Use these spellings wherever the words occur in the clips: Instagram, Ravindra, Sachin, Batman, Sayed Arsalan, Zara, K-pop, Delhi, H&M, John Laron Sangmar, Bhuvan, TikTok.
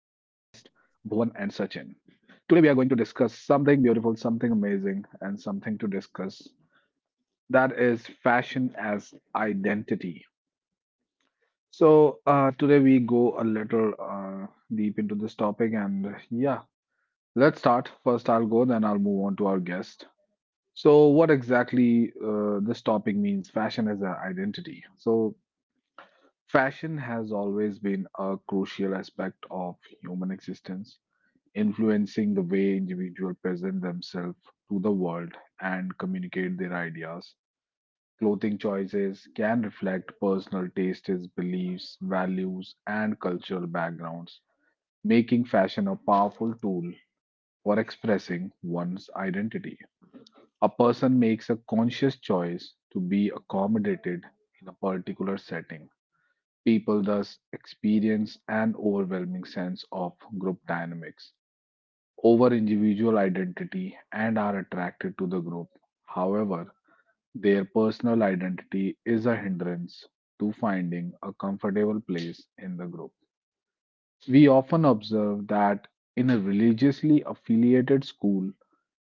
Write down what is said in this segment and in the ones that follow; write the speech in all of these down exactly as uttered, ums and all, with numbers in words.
Bhuvan and Sachin. Today, we are going to discuss something beautiful, something amazing, and something to discuss that is fashion as identity. So, uh, today we go a little uh, deep into this topic, and yeah, let's start. First, I'll go, then I'll move on to our guest. So, what exactly uh, this topic means, fashion as an identity? So, fashion has always been a crucial aspect of human existence, influencing the way individuals present themselves to the world and communicate their ideas. Clothing choices can reflect personal tastes, beliefs, values, and cultural backgrounds, making fashion a powerful tool for expressing one's identity. A person makes a conscious choice to be accommodated in a particular setting. People thus experience an overwhelming sense of group dynamics over individual identity and are attracted to the group. However, their personal identity is a hindrance to finding a comfortable place in the group. We often observe that in a religiously affiliated school,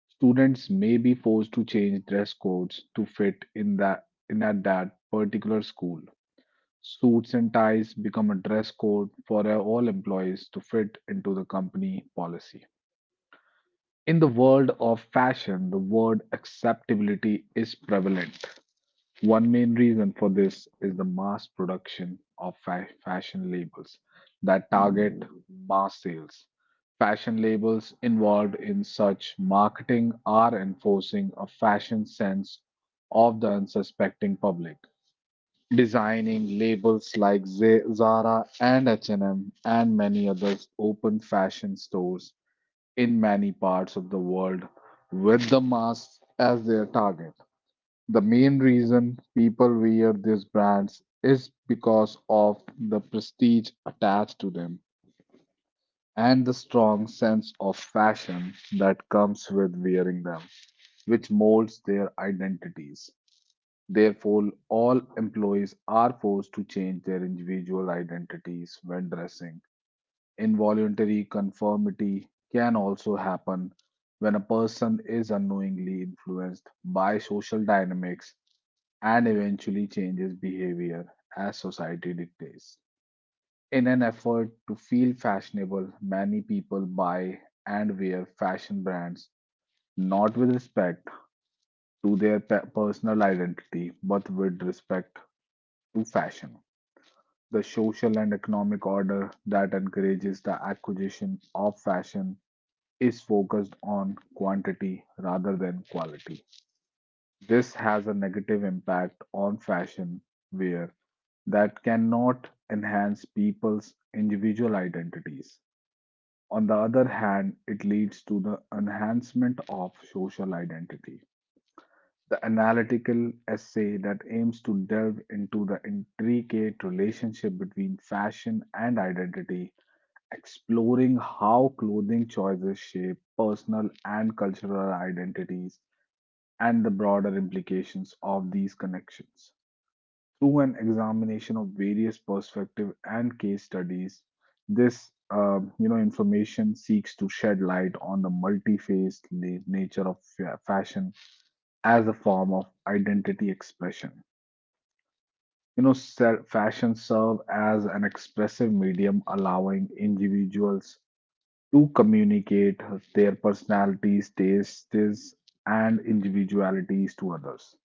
students may be forced to change dress codes to fit in that in at that particular school. Suits and ties become a dress code for uh, all employees to fit into the company policy. In the world of fashion, the word acceptability is prevalent. One main reason for this is the mass production of fa- fashion labels that target mass sales. Fashion labels involved in such marketing are enforcing a fashion sense of the unsuspecting public. Designing labels like Z- Zara and H and M and M and many others opened fashion stores in many parts of the world with the mass as their target. The main reason people wear these brands is because of the prestige attached to them and the strong sense of fashion that comes with wearing them, which molds their identities. Therefore, all employees are forced to change their individual identities when dressing. Involuntary conformity can also happen when a person is unknowingly influenced by social dynamics and eventually changes behavior as society dictates. In an effort to feel fashionable, many people buy and wear fashion brands not with respect to their pe- personal identity but with respect to fashion. The social and economic order that encourages the acquisition of fashion is focused on quantity rather than quality. This has a negative impact on fashion wear that cannot enhance people's individual identities. On the other hand, it leads to the enhancement of social identity. The analytical essay that aims to delve into the intricate relationship between fashion and identity, exploring how clothing choices shape personal and cultural identities and the broader implications of these connections. Through an examination of various perspectives and case studies, this uh, you know information seeks to shed light on the multi-faced na- nature of fa- fashion as a form of identity expression. You know, se- fashion serve as an expressive medium allowing individuals to communicate their personalities, tastes, and individualities to others.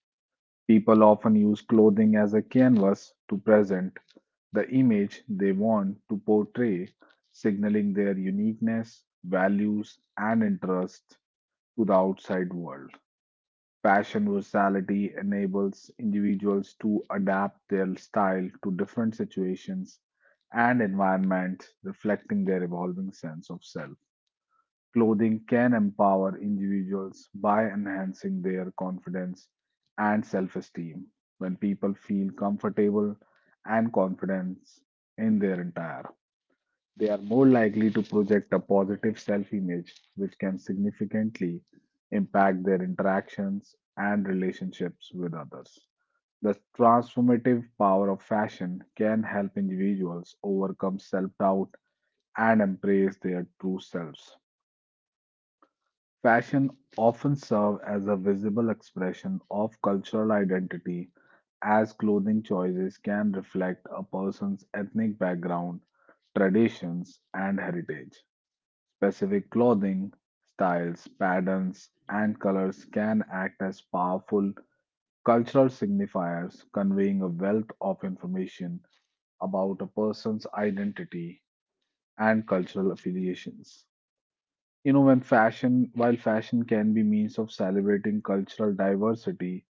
People often use clothing as a canvas to present the image they want to portray, signaling their uniqueness, values, and interests to the outside world. Fashion versatility enables individuals to adapt their style to different situations and environments, reflecting their evolving sense of self. Clothing can empower individuals by enhancing their confidence and self esteem when people feel comfortable and confident in their attire. They are more likely to project a positive self-image, which can significantly impact their interactions and relationships with others. The transformative power of fashion can help individuals overcome self-doubt and embrace their true selves. Fashion often serves as a visible expression of cultural identity, as clothing choices can reflect a person's ethnic background, traditions, and heritage. Specific clothing, styles, patterns, and colors can act as powerful cultural signifiers, conveying a wealth of information about a person's identity and cultural affiliations. You know, when fashion, while fashion can be means of celebrating cultural diversity,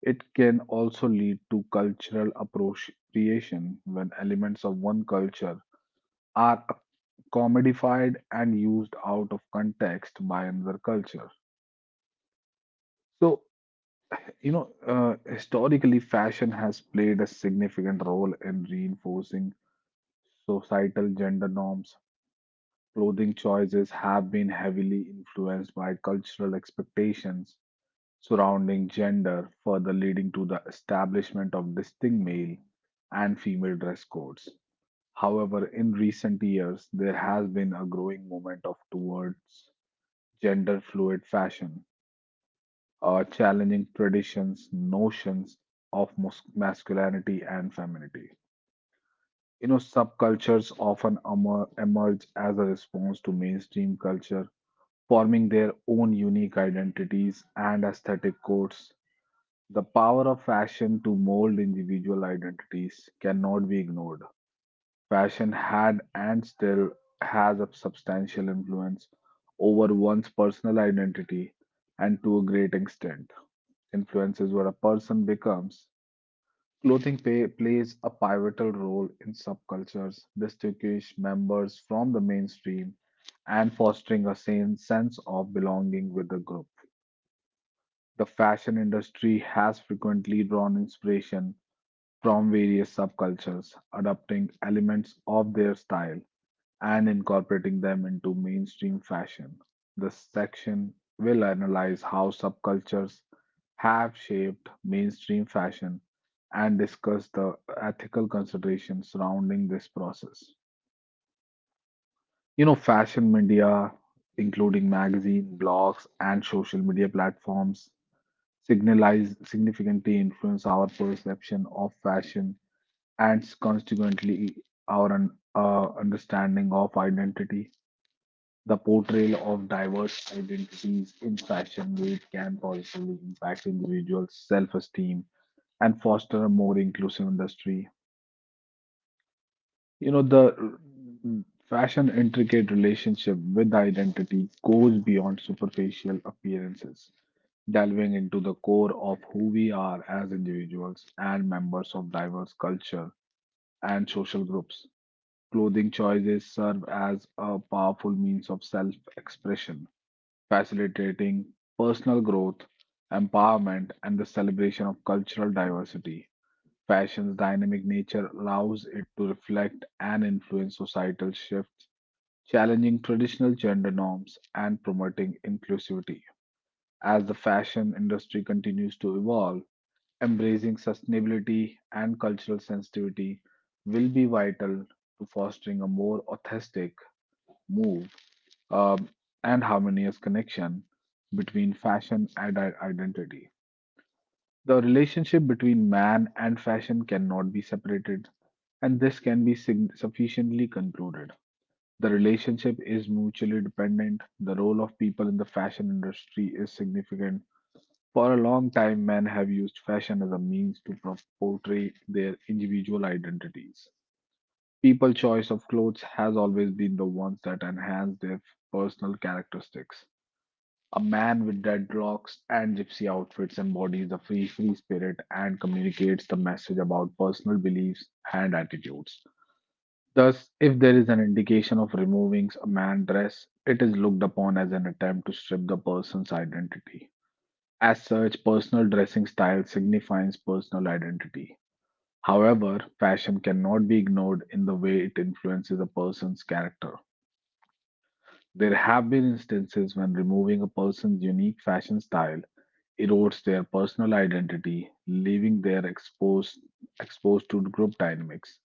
it can also lead to cultural appropriation when elements of one culture are comedified and used out of context by another culture. So, you know, uh, historically, fashion has played a significant role in reinforcing societal gender norms. Clothing choices have been heavily influenced by cultural expectations surrounding gender, further leading to the establishment of distinct male and female dress codes. However, in recent years, there has been a growing movement of towards gender fluid fashion, are challenging traditions, notions of mus- masculinity and femininity. You know, subcultures often emer- emerge as a response to mainstream culture, forming their own unique identities and aesthetic codes. The power of fashion to mold individual identities cannot be ignored. Fashion had and still has a substantial influence over one's personal identity, and to a great extent, influences what a person becomes. Clothing pay, plays a pivotal role in subcultures, distinguish members from the mainstream, and fostering a sane sense of belonging with the group. The fashion industry has frequently drawn inspiration from various subcultures, adopting elements of their style and incorporating them into mainstream fashion. This section will analyze how subcultures have shaped mainstream fashion and discuss the ethical considerations surrounding this process. You know, fashion media, including magazine, blogs, and social media platforms, signalize significantly influence our perception of fashion and consequently our un- uh, understanding of identity. The portrayal of diverse identities in fashion week can positively impact individuals' self esteem and foster a more inclusive industry. You know, the mm, fashion intricate relationship with identity goes beyond superficial appearances, delving into the core of who we are as individuals and members of diverse culture and social groups. Clothing choices serve as a powerful means of self expression facilitating personal growth, empowerment, and the celebration of cultural diversity. Fashion's dynamic nature allows it to reflect and influence societal shifts, challenging traditional gender norms and promoting inclusivity. As the fashion industry continues to evolve, embracing sustainability and cultural sensitivity will be vital to fostering a more authentic move um, and harmonious connection between fashion and i- identity. The relationship between man and fashion cannot be separated, and this can be sig- sufficiently concluded. The relationship is mutually dependent. The role of people in the fashion industry is significant. For a long time, men have used fashion as a means to pro- portray their individual identities. People's choice of clothes has always been the ones that enhance their personal characteristics. A man with dreadlocks and gypsy outfits embodies the free free spirit and communicates the message about personal beliefs and attitudes. Thus, if there is an indication of removing a man dress, it is looked upon as an attempt to strip the person's identity. As such, personal dressing style signifies personal identity. However, fashion cannot be ignored in the way it influences a person's character. There have been instances when removing a person's unique fashion style erodes their personal identity, leaving their exposed exposed to group dynamics.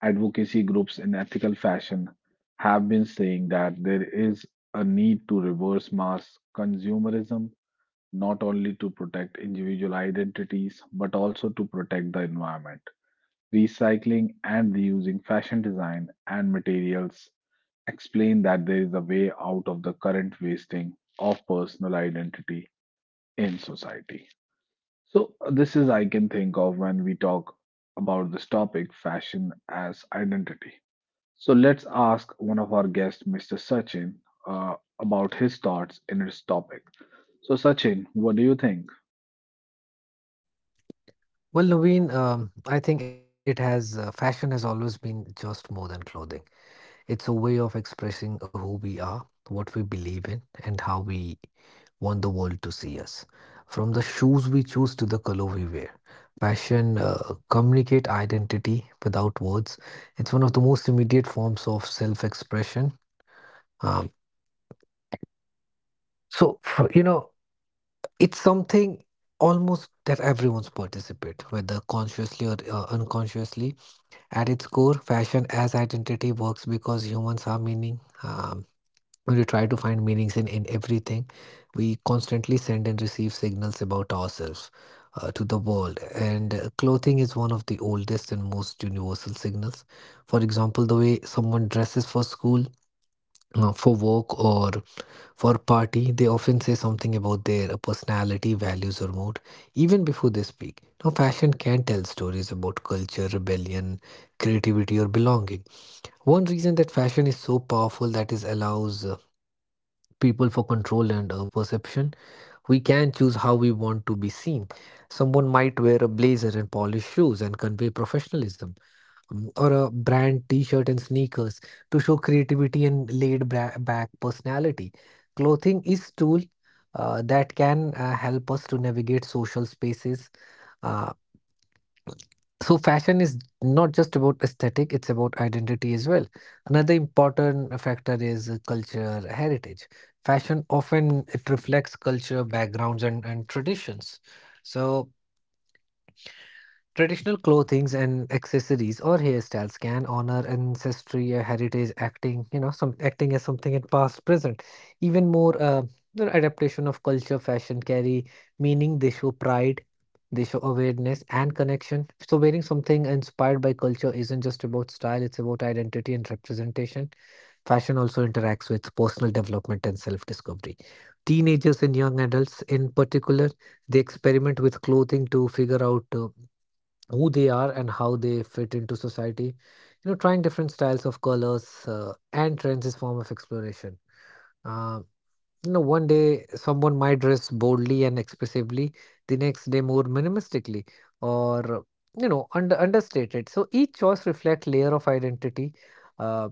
Advocacy groups in ethical fashion have been saying that there is a need to reverse mass consumerism not only to protect individual identities but also to protect the environment. Recycling and reusing fashion design and materials explain that there is a way out of the current wasting of personal identity in society. So, this is I can think of when we talk about this topic fashion as identity. So, let's ask one of our guests, Mister Sachin, uh, about his thoughts in this topic. So, Sachin, what do you think? Well, Naveen, um, I think it has, uh, fashion has always been just more than clothing. It's a way of expressing who we are, what we believe in, and how we want the world to see us. From the shoes we choose to the color we wear, fashion uh, communicate identity without words. It's one of the most immediate forms of self-expression. Um, so, f- you know, it's something almost that everyone's participate, whether consciously or uh, unconsciously. At its core, fashion as identity works because humans are meaning. Um, when we try to find meanings in, in everything, we constantly send and receive signals about ourselves uh, to the world. And uh, clothing is one of the oldest and most universal signals. For example, the way someone dresses for school, uh, for work, or for party, they often say something about their personality, values, or mood even before they speak. Now, fashion can tell stories about culture, rebellion, creativity, or belonging. One reason that fashion is so powerful that is allows uh, people for control and uh, perception. We can choose how we want to be seen. Someone might wear a blazer and polished shoes and convey professionalism. Mm, or a brand t-shirt and sneakers to show creativity and laid bra back personality. Clothing is tool uh, that can uh, help us to navigate social spaces. Uh, so fashion is not just about aesthetic, it's about identity as well. Another important factor is uh, culture heritage. Fashion often it reflects culture, backgrounds and, and traditions. So traditional clothings and accessories or hairstyles can honor ancestry, uh, heritage, acting, you know, some acting as something in past, present. Even more, uh, you know, adaptation of culture, fashion carry meaning. They show pride, they show awareness and connection. So wearing something inspired by culture isn't just about style; it's about identity and representation. Fashion also interacts with personal development and self-discovery. Teenagers and young adults, in particular, they experiment with clothing to figure out. Uh, who they are and how they fit into society. You know, trying different styles of colors uh, and trends is form of exploration. Uh, you know, One day someone might dress boldly and expressively, the next day more minimalistically, or you know, under understated. So each choice reflects layer of identity. Uh,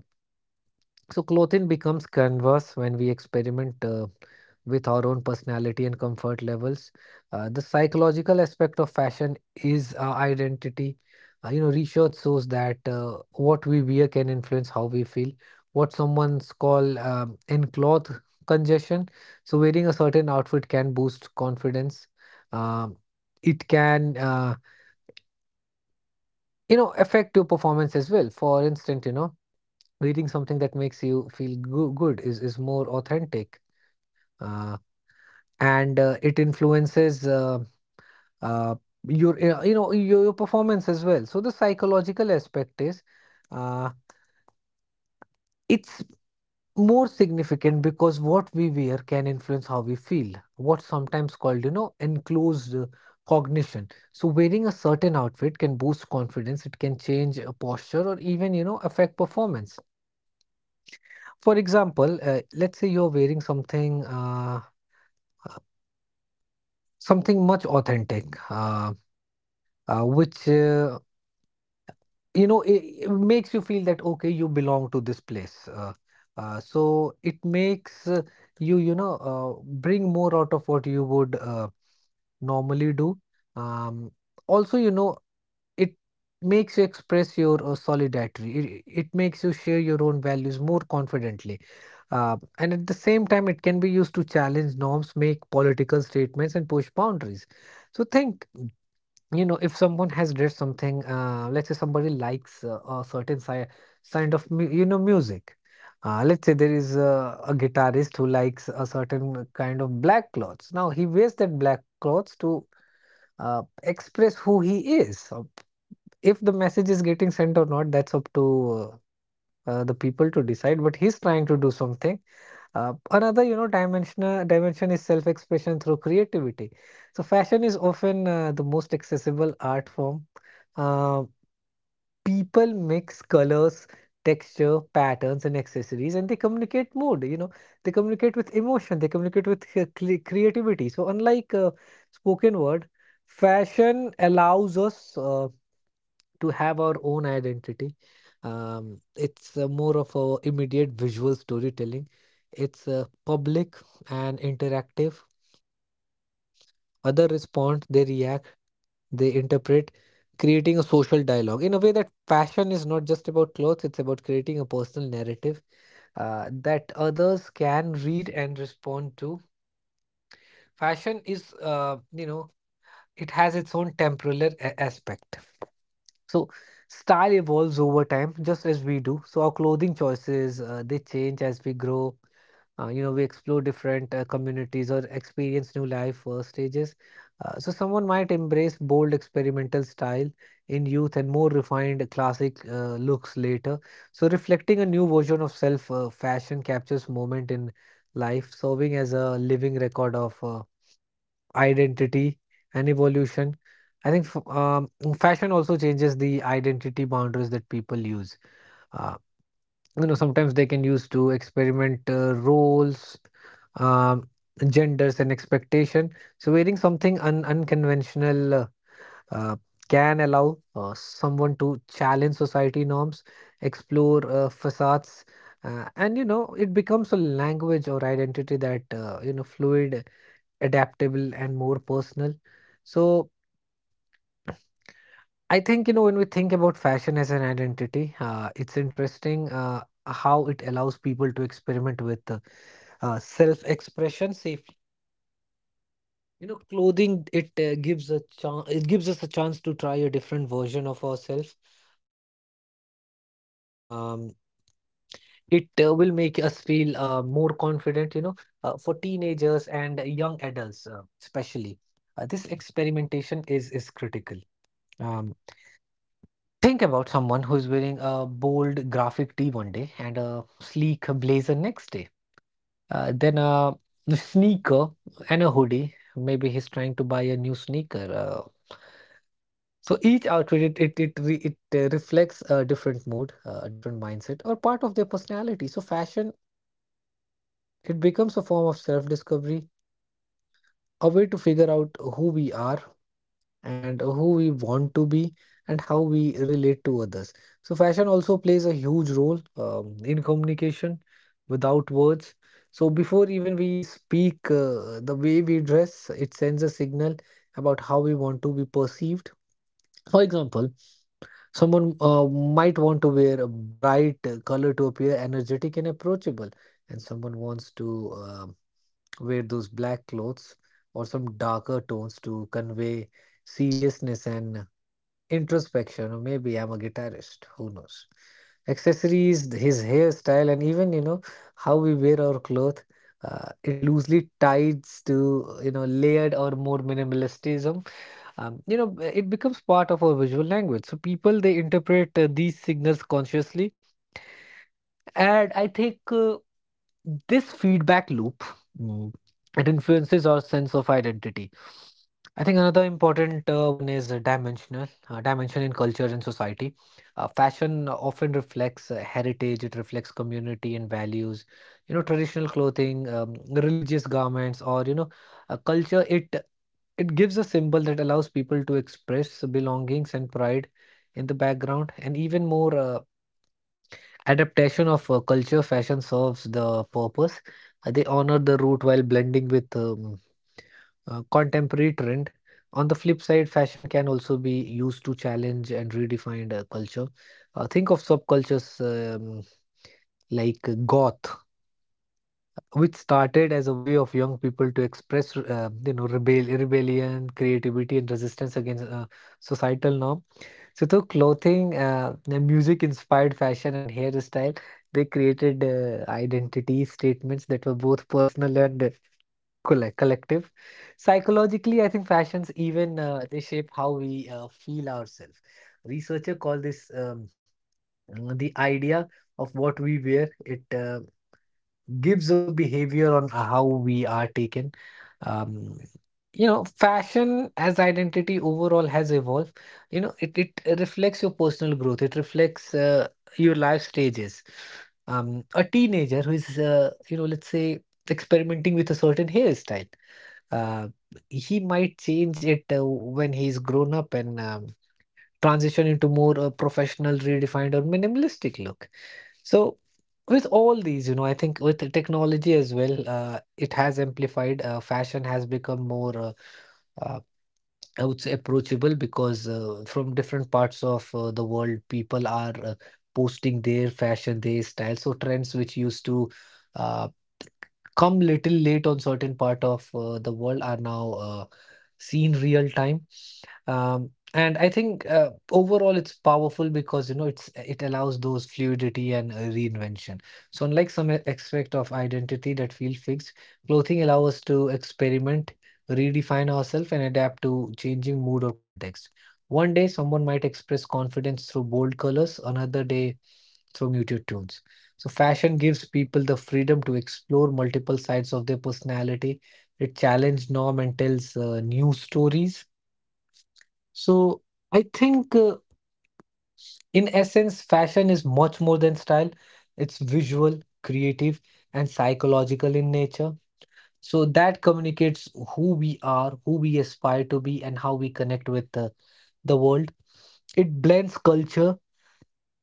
so clothing becomes canvas when we experiment uh, with our own personality and comfort levels. Uh, the psychological aspect of fashion is our identity. Uh, you know, research shows that uh, what we wear can influence how we feel. What someone's call um, in cloth congestion. So wearing a certain outfit can boost confidence. Um, it can, uh, you know, affect your performance as well. For instance, you know. Reading something that makes you feel goo good is is more authentic, uh, and uh, it influences uh, uh, your uh, you know your, your performance as well. So the psychological aspect is uh, it's more significant because what we wear can influence how we feel. What sometimes called you know enclosed uh, cognition. So wearing a certain outfit can boost confidence. It can change a posture or even you know affect performance. For example, uh, let's say you're wearing something. Uh, something much authentic uh, uh, which uh, you know it, it makes you feel that okay you belong to this place uh, uh, so it makes uh, you you know uh, bring more out of what you would uh, normally do, um, also you know it makes you express your uh, solidarity, it, it makes you share your own values more confidently uh, and at the same time it can be used to challenge norms, make political statements and push boundaries. So think, you know, if someone has read something, uh, let's say somebody likes uh, a certain si- kind of mu- you know music, uh, let's say there is uh, a guitarist who likes a certain kind of black clothes, now he wears that black clothes to uh, express who he is. So if the message is getting sent or not, that's up to uh, uh, the people to decide, but he's trying to do something. Uh, another, you know, dimension uh, dimension is self-expression through creativity. So fashion is often uh, the most accessible art form. Uh, People mix colors, texture, patterns, and accessories, and they communicate mood. You know, they communicate with emotion. They communicate with cre- cre- creativity. So unlike uh, spoken word, fashion allows us. Uh, to have our own identity. Um, it's uh, more of a immediate visual storytelling. It's uh, public and interactive. Other respond, they react, they interpret, creating a social dialogue in a way that fashion is not just about clothes. It's about creating a personal narrative uh, that others can read and respond to. Fashion is, uh, you know, it has its own temporal a- aspect. So style evolves over time, just as we do. So our clothing choices uh, they change as we grow. Uh, you know, we explore different uh, communities or experience new life uh, stages. Uh, so someone might embrace bold experimental style in youth and more refined classic uh, looks later. So reflecting a new version of self, uh, fashion captures moment in life, serving as a living record of. Uh, identity and evolution. I think f- um, Fashion also changes the identity boundaries that people use. Uh, you know, sometimes they can use to experiment uh, roles, um, genders, and expectation. So wearing something un unconventional uh, uh, can allow uh, someone to challenge society norms, explore uh, facades, uh, and you know, it becomes a language or identity that uh, you know fluid, adaptable and more personal. So I think, you know, when we think about fashion as an identity, uh, it's interesting uh, how it allows people to experiment with uh, uh, self-expression safely. You know, clothing, it uh, gives a chance, it gives us a chance to try a different version of ourselves. Um, it uh, will make us feel uh, more confident, you know, uh, for teenagers and young adults, uh, especially. Uh, this experimentation is is critical. Um, Think about someone who's wearing a bold graphic tee one day and a sleek blazer next day. Uh, then a sneaker and a hoodie. Maybe he's trying to buy a new sneaker. Uh, so each outfit it it it, re- it uh, reflects a different mood, uh, a different mindset, or part of their personality. So fashion it becomes a form of self-discovery, a way to figure out who we are and who we want to be and how we relate to others. So, fashion also plays a huge role um, in communication without words. So, before even we speak, uh, the way we dress, it sends a signal about how we want to be perceived. For example, someone uh, might want to wear a bright uh, color to appear energetic and approachable, and someone wants to uh, wear those black clothes or some darker tones to convey seriousness and introspection, or maybe I'm a guitarist who knows accessories, his hairstyle, and even you know how we wear our clothes, uh, it loosely ties to you know layered or more minimalistism. Um, you know, it becomes part of our visual language, so people they interpret uh, these signals consciously, and I think uh, this feedback loop, mm, it influences our sense of identity. I think another important uh, one is uh, dimensional uh, dimension in culture and society. Uh, fashion often reflects uh, heritage, it reflects community and values. You know, traditional clothing, um, religious garments, or you know, uh, culture. It it gives a symbol that allows people to express belongings and pride in the background, and even more uh, adaptation of uh, culture fashion serves the purpose. Uh, They honor the root while blending with um, uh, contemporary trend. On the flip side, fashion can also be used to challenge and redefine uh, culture. Uh, think of subcultures um, like uh, goth, which started as a way of young people to express, uh, you know, rebel rebellion, creativity, and resistance against uh, societal norm. So through clothing, uh, the music-inspired fashion and hairstyle, they created uh, identity statements that were both personal and uh, colle- collective. Psychologically, I think fashions even uh, they shape how we uh, feel ourselves. Researchers call this um, the idea of what we wear. It uh, gives a behavior on how we are taken. Um, you know, fashion as identity overall has evolved. You know, it it reflects your personal growth. It reflects uh, your life stages. Um, a teenager who is, uh, you know, let's say experimenting with a certain hairstyle. Uh, he might change it uh, when he's grown up and um, transition into more a professional, redefined, or minimalistic look. So with all these, you know, I think with the technology as well, uh, it has amplified. Uh, fashion has become more, uh, uh, I would say, approachable because uh, from different parts of uh, the world, people are uh, posting their fashion, their style. So trends which used to uh, come little late on certain part of uh, the world are now uh, seen real time. Um, and I think uh, overall it's powerful because you know it's it allows those fluidity and uh, reinvention. So unlike some a- aspect of identity that feel fixed, clothing allows us to experiment, redefine ourselves, and adapt to changing mood or context. One day someone might express confidence through bold colors, another day through muted tones. So fashion gives people the freedom to explore multiple sides of their personality. It challenges norm and tells uh, new stories so I think, uh, in essence, fashion is much more than style. It's visual, creative, and psychological in nature. So that communicates who we are, who we aspire to be, and how we connect with the, the world. It blends culture,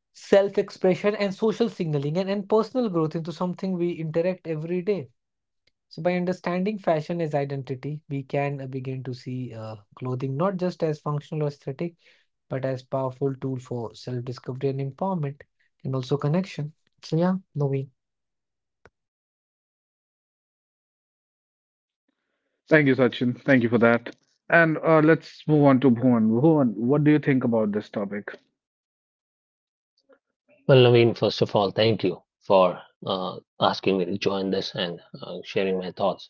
self-expression, and social signaling and, and personal growth into something we interact every day. So by understanding fashion as identity, we can uh, begin to see uh, clothing not just as functional or aesthetic but as powerful tool for self-discovery and empowerment and also connection. So yeah, Naveen. Thank you, Sachin. Thank you for that. And uh, let's move on to Bhuvan. Bhuvan, what do you think about this topic? Well, Naveen, first of all, thank you for uh, asking me to join this and uh, sharing my thoughts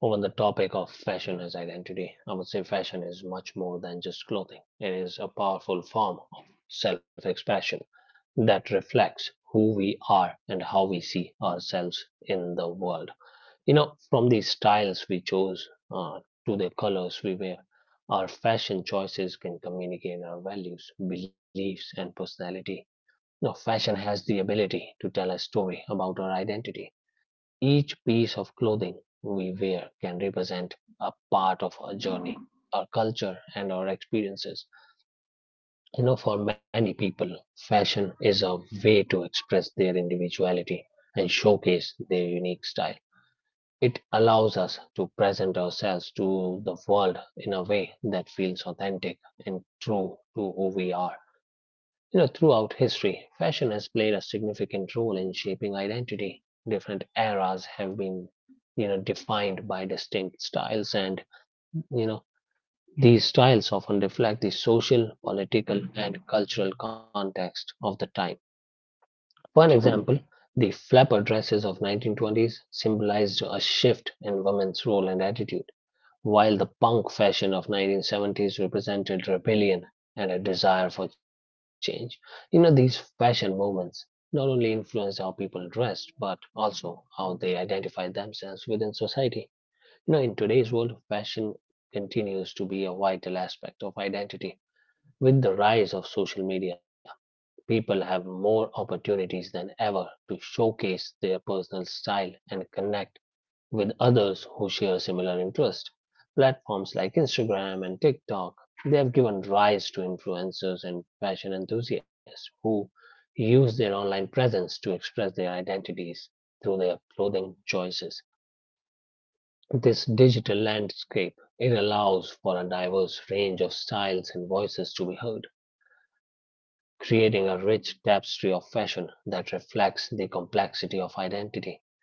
over the topic of fashion as identity. I would say fashion is much more than just clothing. It is a powerful form of self expression that reflects who we are and how we see ourselves in the world. You know, from the styles we choose uh, to the colors we wear, our fashion choices can communicate our values, beliefs, and personality. Now, fashion has the ability to tell a story about our identity. Each piece of clothing we wear can represent a part of our journey, our culture, and our experiences. Know, for many people, fashion is a way to express their individuality and showcase their unique style. It allows us to present ourselves to the world in a way that feels authentic and true to who we are. You know, throughout history, fashion has played a significant role in shaping identity. Different eras have been, you know, defined by distinct styles, and you know, these styles often reflect the social, political, and cultural context of the time. For an example, the flapper dresses of nineteen twenties symbolized a shift in women's role and attitude, while the punk fashion of nineteen seventies represented rebellion and a desire for change. You know, these fashion movements not only influenced how people dressed but also how they identified themselves within society. You know, in today's world, fashion continues to be a vital aspect of identity. With the rise of social media, people have more opportunities than ever to showcase their personal style and connect with others who share similar interests. Platforms like Instagram and TikTok, they have given rise to influencers and fashion enthusiasts who use their online presence to express their identities through their clothing choices. This digital landscape, it allows for a diverse range of styles and voices to be heard, creating a rich tapestry of fashion that reflects the complexity of identity.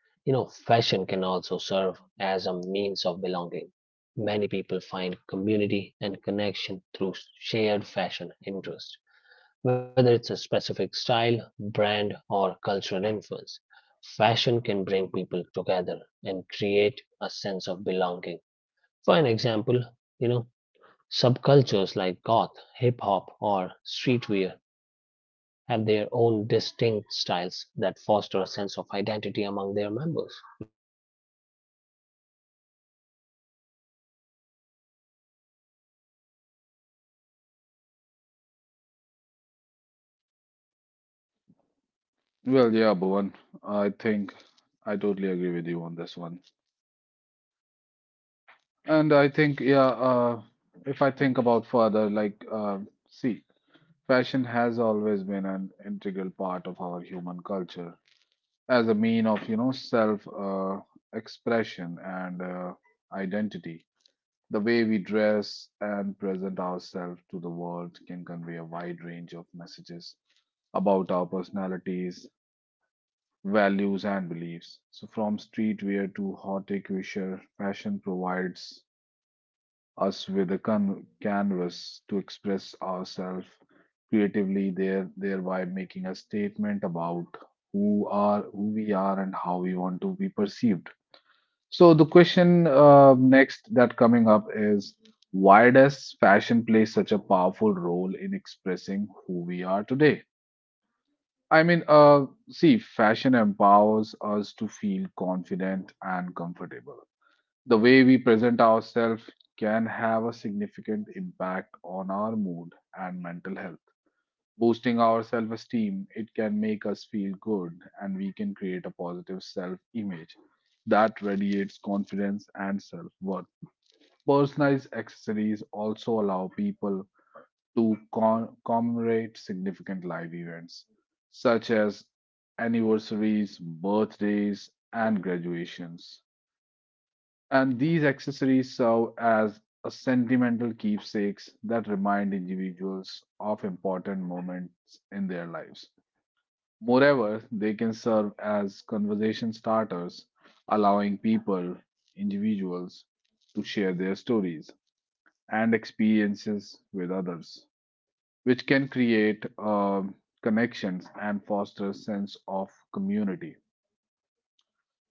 You know, fashion can also serve as a means belonging. Many people find community and connection through shared fashion interest, whether it's a specific style, brand, or cultural influence. Fashion can bring people together and create a sense of belonging. For an example, you know, subcultures like goth, hip hop, or streetwear have their own distinct styles that foster a sense of identity among their members. You know, these communities often Well, yeah, Bhuvan, I think I totally agree with you on this one. And I think, yeah, uh, if I think about further, like, uh, see, fashion has always been an integral part of our human culture as a mean of, you know, self, uh, expression and, uh, identity. The way we dress and present ourselves to the world can convey a wide range of messages about our personalities, values and beliefs. So from streetwear to horticulture, fashion provides us with a can- canvas to express ourselves creatively there thereby making a statement about who are who we are and how we want to be perceived. So the question uh, next that coming up is why does fashion play such a powerful role in expressing who we are today? I mean, uh, see, fashion empowers us to feel confident and comfortable. The way we present ourselves can have a significant impact on our mood and mental health. Boosting our self esteem, it can make us feel good and we can create a positive self image that radiates confidence and self worth. Personalized accessories also allow people to con- commemorate significant life events such as anniversaries, birthdays, and graduations. And these accessories serve as a sentimental keepsakes that remind individuals of important moments in their lives. Moreover, they can serve as conversation starters, allowing people, individuals, to share their stories and experiences with others which can create um, connections and foster a sense of community.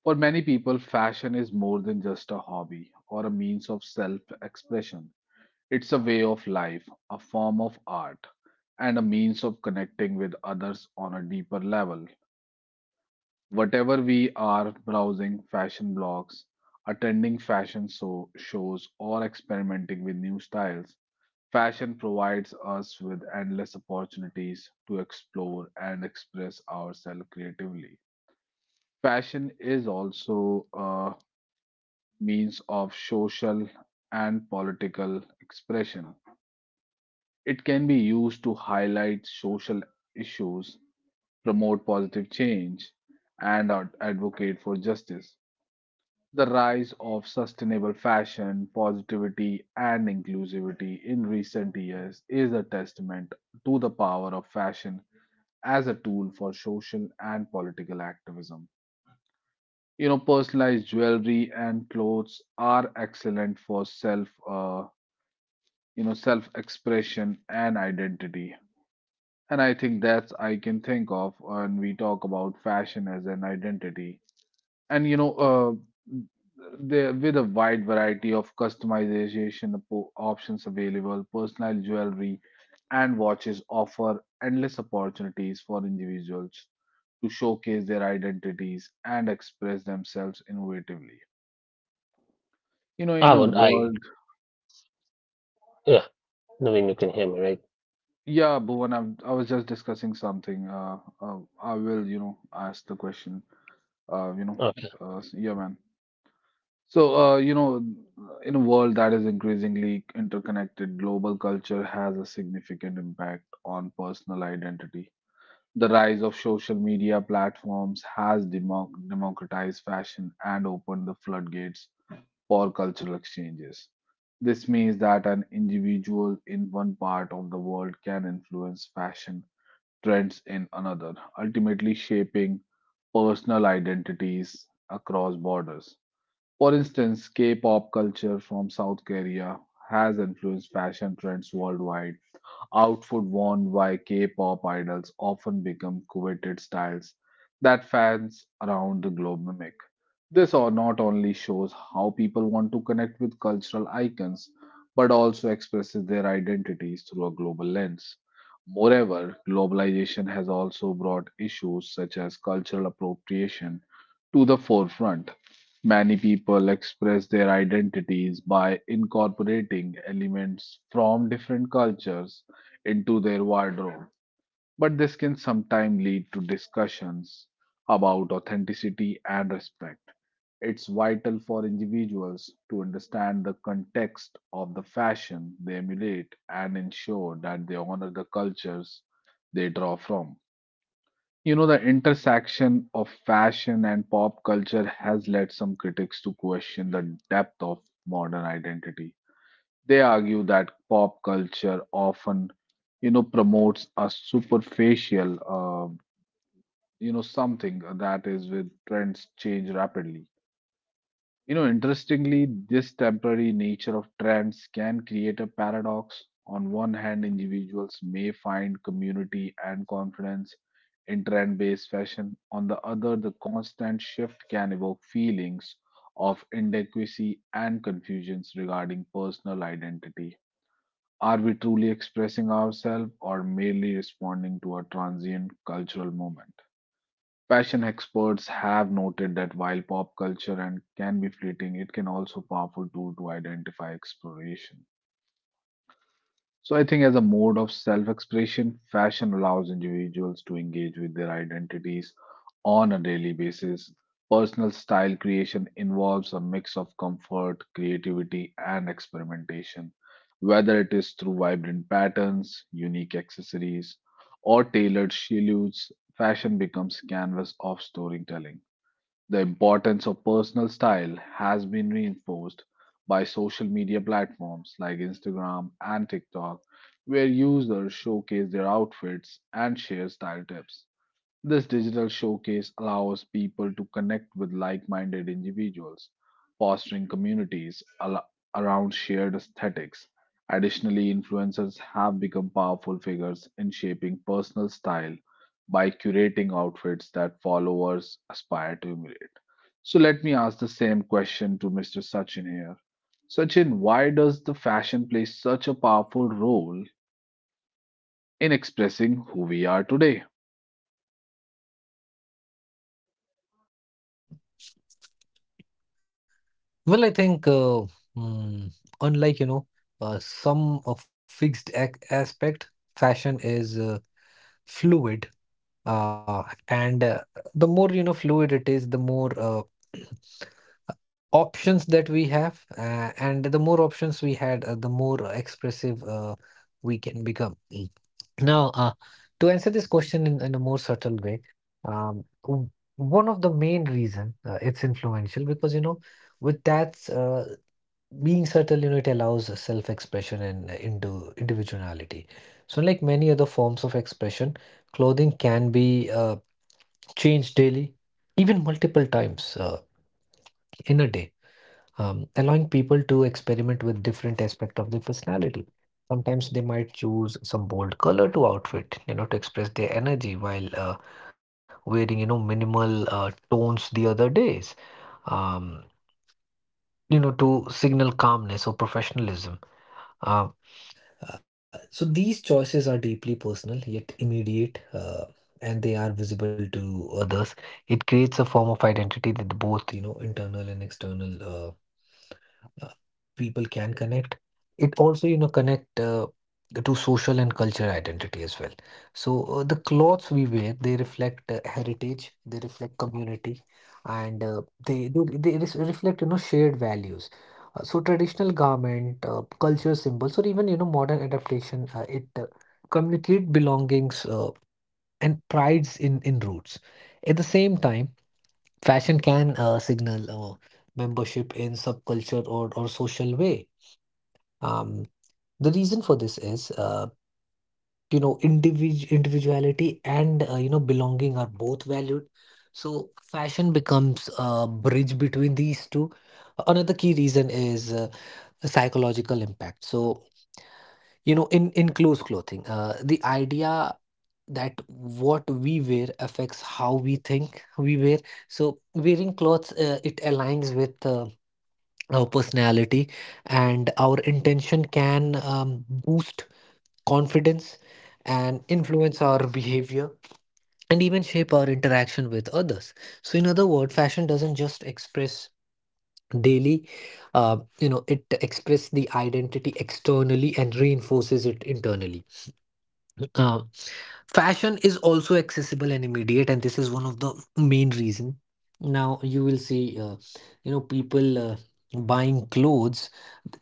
For many people, fashion is more than just a hobby or a means of self expression. It's a way of life, a form of art, and a means of connecting with others on a deeper level. Whatever we are browsing fashion blogs, attending fashion so- shows, or experimenting with new styles, fashion provides us with endless opportunities to explore and express ourselves creatively. Fashion is also a means of social and political expression. It can be used to highlight social issues, promote positive change, and ad- advocate for justice. The rise of sustainable fashion, positivity, and inclusivity in recent years is a testament to the power of fashion as a tool for social and political activism. You know, personalized jewelry and clothes are excellent for self, uh, you know, self-expression and identity. And I think that's I can think of when we talk about fashion as an identity, and you know uh, there with a wide variety of customization po- options available, personal jewelry and watches offer endless opportunities for individuals to showcase their identities and express themselves innovatively, you know in I a would I? world. Yeah, Naveen, you can hear me, right? Yeah, Bhuvan, I'm, i was just discussing something. Uh, uh, i will you know ask the question. uh, you know Okay. uh, yeah, man. So, uh, you know, in a world that is increasingly interconnected, global culture has a significant impact on personal identity. The rise of social media platforms has democ democratized fashion and opened the floodgates for cultural exchanges. This means that an individual in one part of the world can influence fashion trends in another, ultimately shaping personal identities across borders. For instance, K-pop culture from South Korea has influenced fashion trends worldwide. Outfit worn by K-pop idols often become coveted styles that fans around the globe mimic. This or not only shows how people want to connect with cultural icons, but also expresses their identities through a global lens. Moreover, globalization has also brought issues such as cultural appropriation to the forefront. Many people express their identities by incorporating elements from different cultures into their wardrobe. But this can sometimes lead to discussions about authenticity and respect. It's vital for individuals to understand the context of the fashion they emulate and ensure that they honor the cultures they draw from. You know, the intersection of fashion and pop culture has led some critics to question the depth of modern identity. They argue that pop culture often, you know, promotes a superficial, uh, you know, something that is with trends change rapidly. You know, interestingly, this temporary nature of trends can create a paradox. On one hand, individuals may find community and confidence in trend based fashion. On the other, the constant shift can evoke feelings of inadequacy and confusions regarding personal identity. Are we truly expressing ourselves or merely responding to a transient cultural moment? Fashion experts have noted that while pop culture and can be fleeting, it can also powerful tool to identify exploration. So I think as a mode of self-expression, fashion allows individuals to engage with their identities on a daily basis. Personal style creation involves a mix of comfort, creativity, and experimentation, whether it is through vibrant patterns, unique accessories, or tailored silhouettes. Fashion becomes canvas of storytelling. The importance of personal style has been reinforced by social media platforms like Instagram and TikTok, where users showcase their outfits and share style tips. This digital showcase allows people to connect with like minded individuals, fostering communities al- around shared aesthetics. Additionally, influencers have become powerful figures in shaping personal style by curating outfits that followers aspire to emulate. So, let me ask the same question to mister Sachin here. Sachin, why does the fashion play such a powerful role in expressing who we are today? Well, I think uh, mm, unlike you know uh, some of fixed ac aspect, fashion is uh, fluid, uh, and uh, the more you know fluid it is, the more uh, options that we have, uh, and the more options we had, uh, the more expressive uh, we can become. Now, uh, to answer this question in, in a more subtle way, um, w- one of the main reason uh, it's influential because you know with that uh, being subtle, you know, it allows self-expression and uh, into individuality. So, like many other forms of expression, clothing can be uh, changed daily, even multiple times uh, in a day, um, allowing people to experiment with different aspect of their personality. Sometimes they might choose some bold color to outfit, you know, to express their energy while uh, wearing, you know, minimal uh, tones the other days, um, you know, to signal calmness or professionalism. Uh, uh, so these choices are deeply personal yet immediate, uh, and they are visible to others. It creates a form of identity that both, you know, internal and external. Uh, uh, People can connect, it also you know connect uh, to social and cultural identity as well. So uh, the clothes we wear, they reflect uh, heritage, they reflect community, and uh, they they, they res- reflect you know shared values. Uh, so traditional garment, uh, culture symbols, or even you know modern adaptation, uh, it uh, communicate belongings uh, and prides in in roots at the same time. Fashion can uh, signal uh, membership in subculture, or, or social way. Um, the reason for this is, uh, you know, individ individuality and uh, you know belonging are both valued. So fashion becomes a bridge between these two. Another key reason is uh, a psychological impact. So you know, in in close clothing, uh, the idea that what we wear affects how we think we wear. So wearing clothes, uh, it aligns with. Uh, our personality and our intention can um, boost confidence and influence our behavior and even shape our interaction with others. So in other words, fashion doesn't just express daily, uh, you know, it expresses the identity externally and reinforces it internally. uh, Fashion is also accessible and immediate, and this is one of the main reason. Now you will see uh, you know people uh, buying clothes.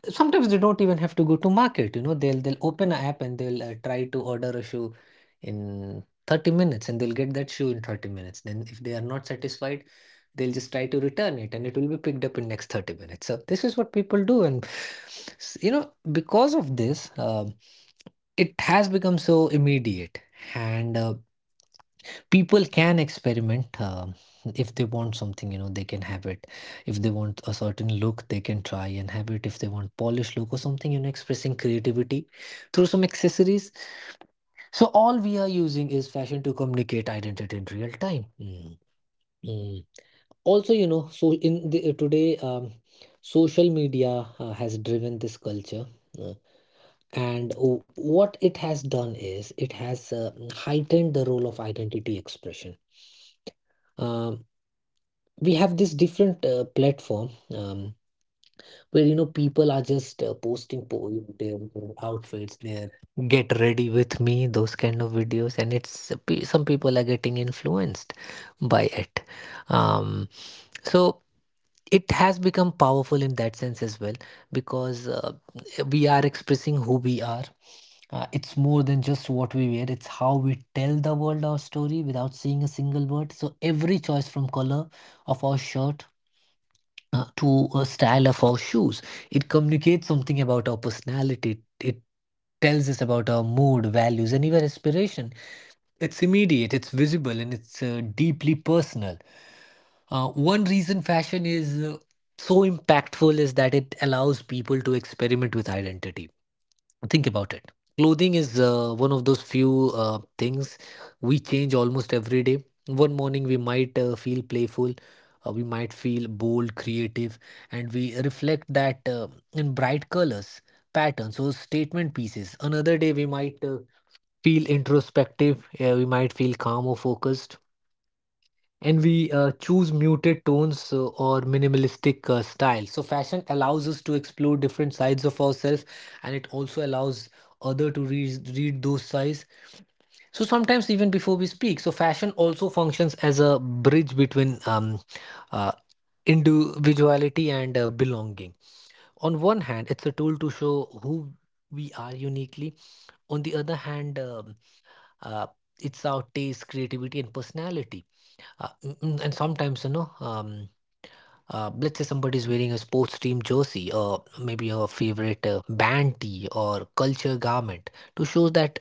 Sometimes they don't even have to go to market, you know, they'll they'll open an app and they'll uh, try to order a shoe in thirty minutes, and they'll get that shoe in thirty minutes. Then if they are not satisfied, they'll just try to return it, and it will be picked up in next thirty minutes. So this is what people do. And s- you know, because of this, um it has become so immediate, and uh, people can experiment. Um if they want something, you know, they can have it. If they want a certain look, they can try and have it. If they want polished look or something, you know, expressing creativity through some accessories. So all we are using is fashion to communicate identity in real time. Mm, mm. Also, you know, so in the, today, um, social media uh, has driven this culture. Uh, and w- what it has done is it has uh, heightened the role of identity expression. Um, we have this different uh, platform um, where you know people are just uh, posting po their outfits, their get ready with me, those kind of videos, and it's uh, pe- some people are getting influenced by it. Um, so it has become powerful in that sense as well because uh, we are expressing who we are. Uh, it's more than just what we wear, it's how we tell the world our story without saying a single word. So, every choice from color of our shirt uh, to a style of our shoes, it communicates something about our personality. It tells us about our mood, values, and even aspiration. It's immediate, it's visible, and it's uh, deeply personal. Uh, one reason fashion is uh, so impactful is that it allows people to experiment with identity. Think about it. Clothing is uh, one of those few uh, things we change almost every day. One morning we might uh, feel playful, uh, we might feel bold, creative, and we reflect that uh, in bright colors, patterns, or statement pieces. Another day we might uh, feel introspective, uh, we might feel calm or focused, and we uh, choose muted tones uh, or minimalistic uh, style. So fashion allows us to explore different sides of ourselves, and it also allows other to read read those sides. So sometimes even before we speak, so fashion also functions as a bridge between um, uh, individuality and uh, belonging. On one hand, it's a tool to show who we are uniquely. On the other hand, um, uh, it's our taste, creativity, and personality, uh, mm, mm, and sometimes you know, um, uh, let's say somebody is wearing a sports team jersey, or maybe a favorite uh, band tee or culture garment to show that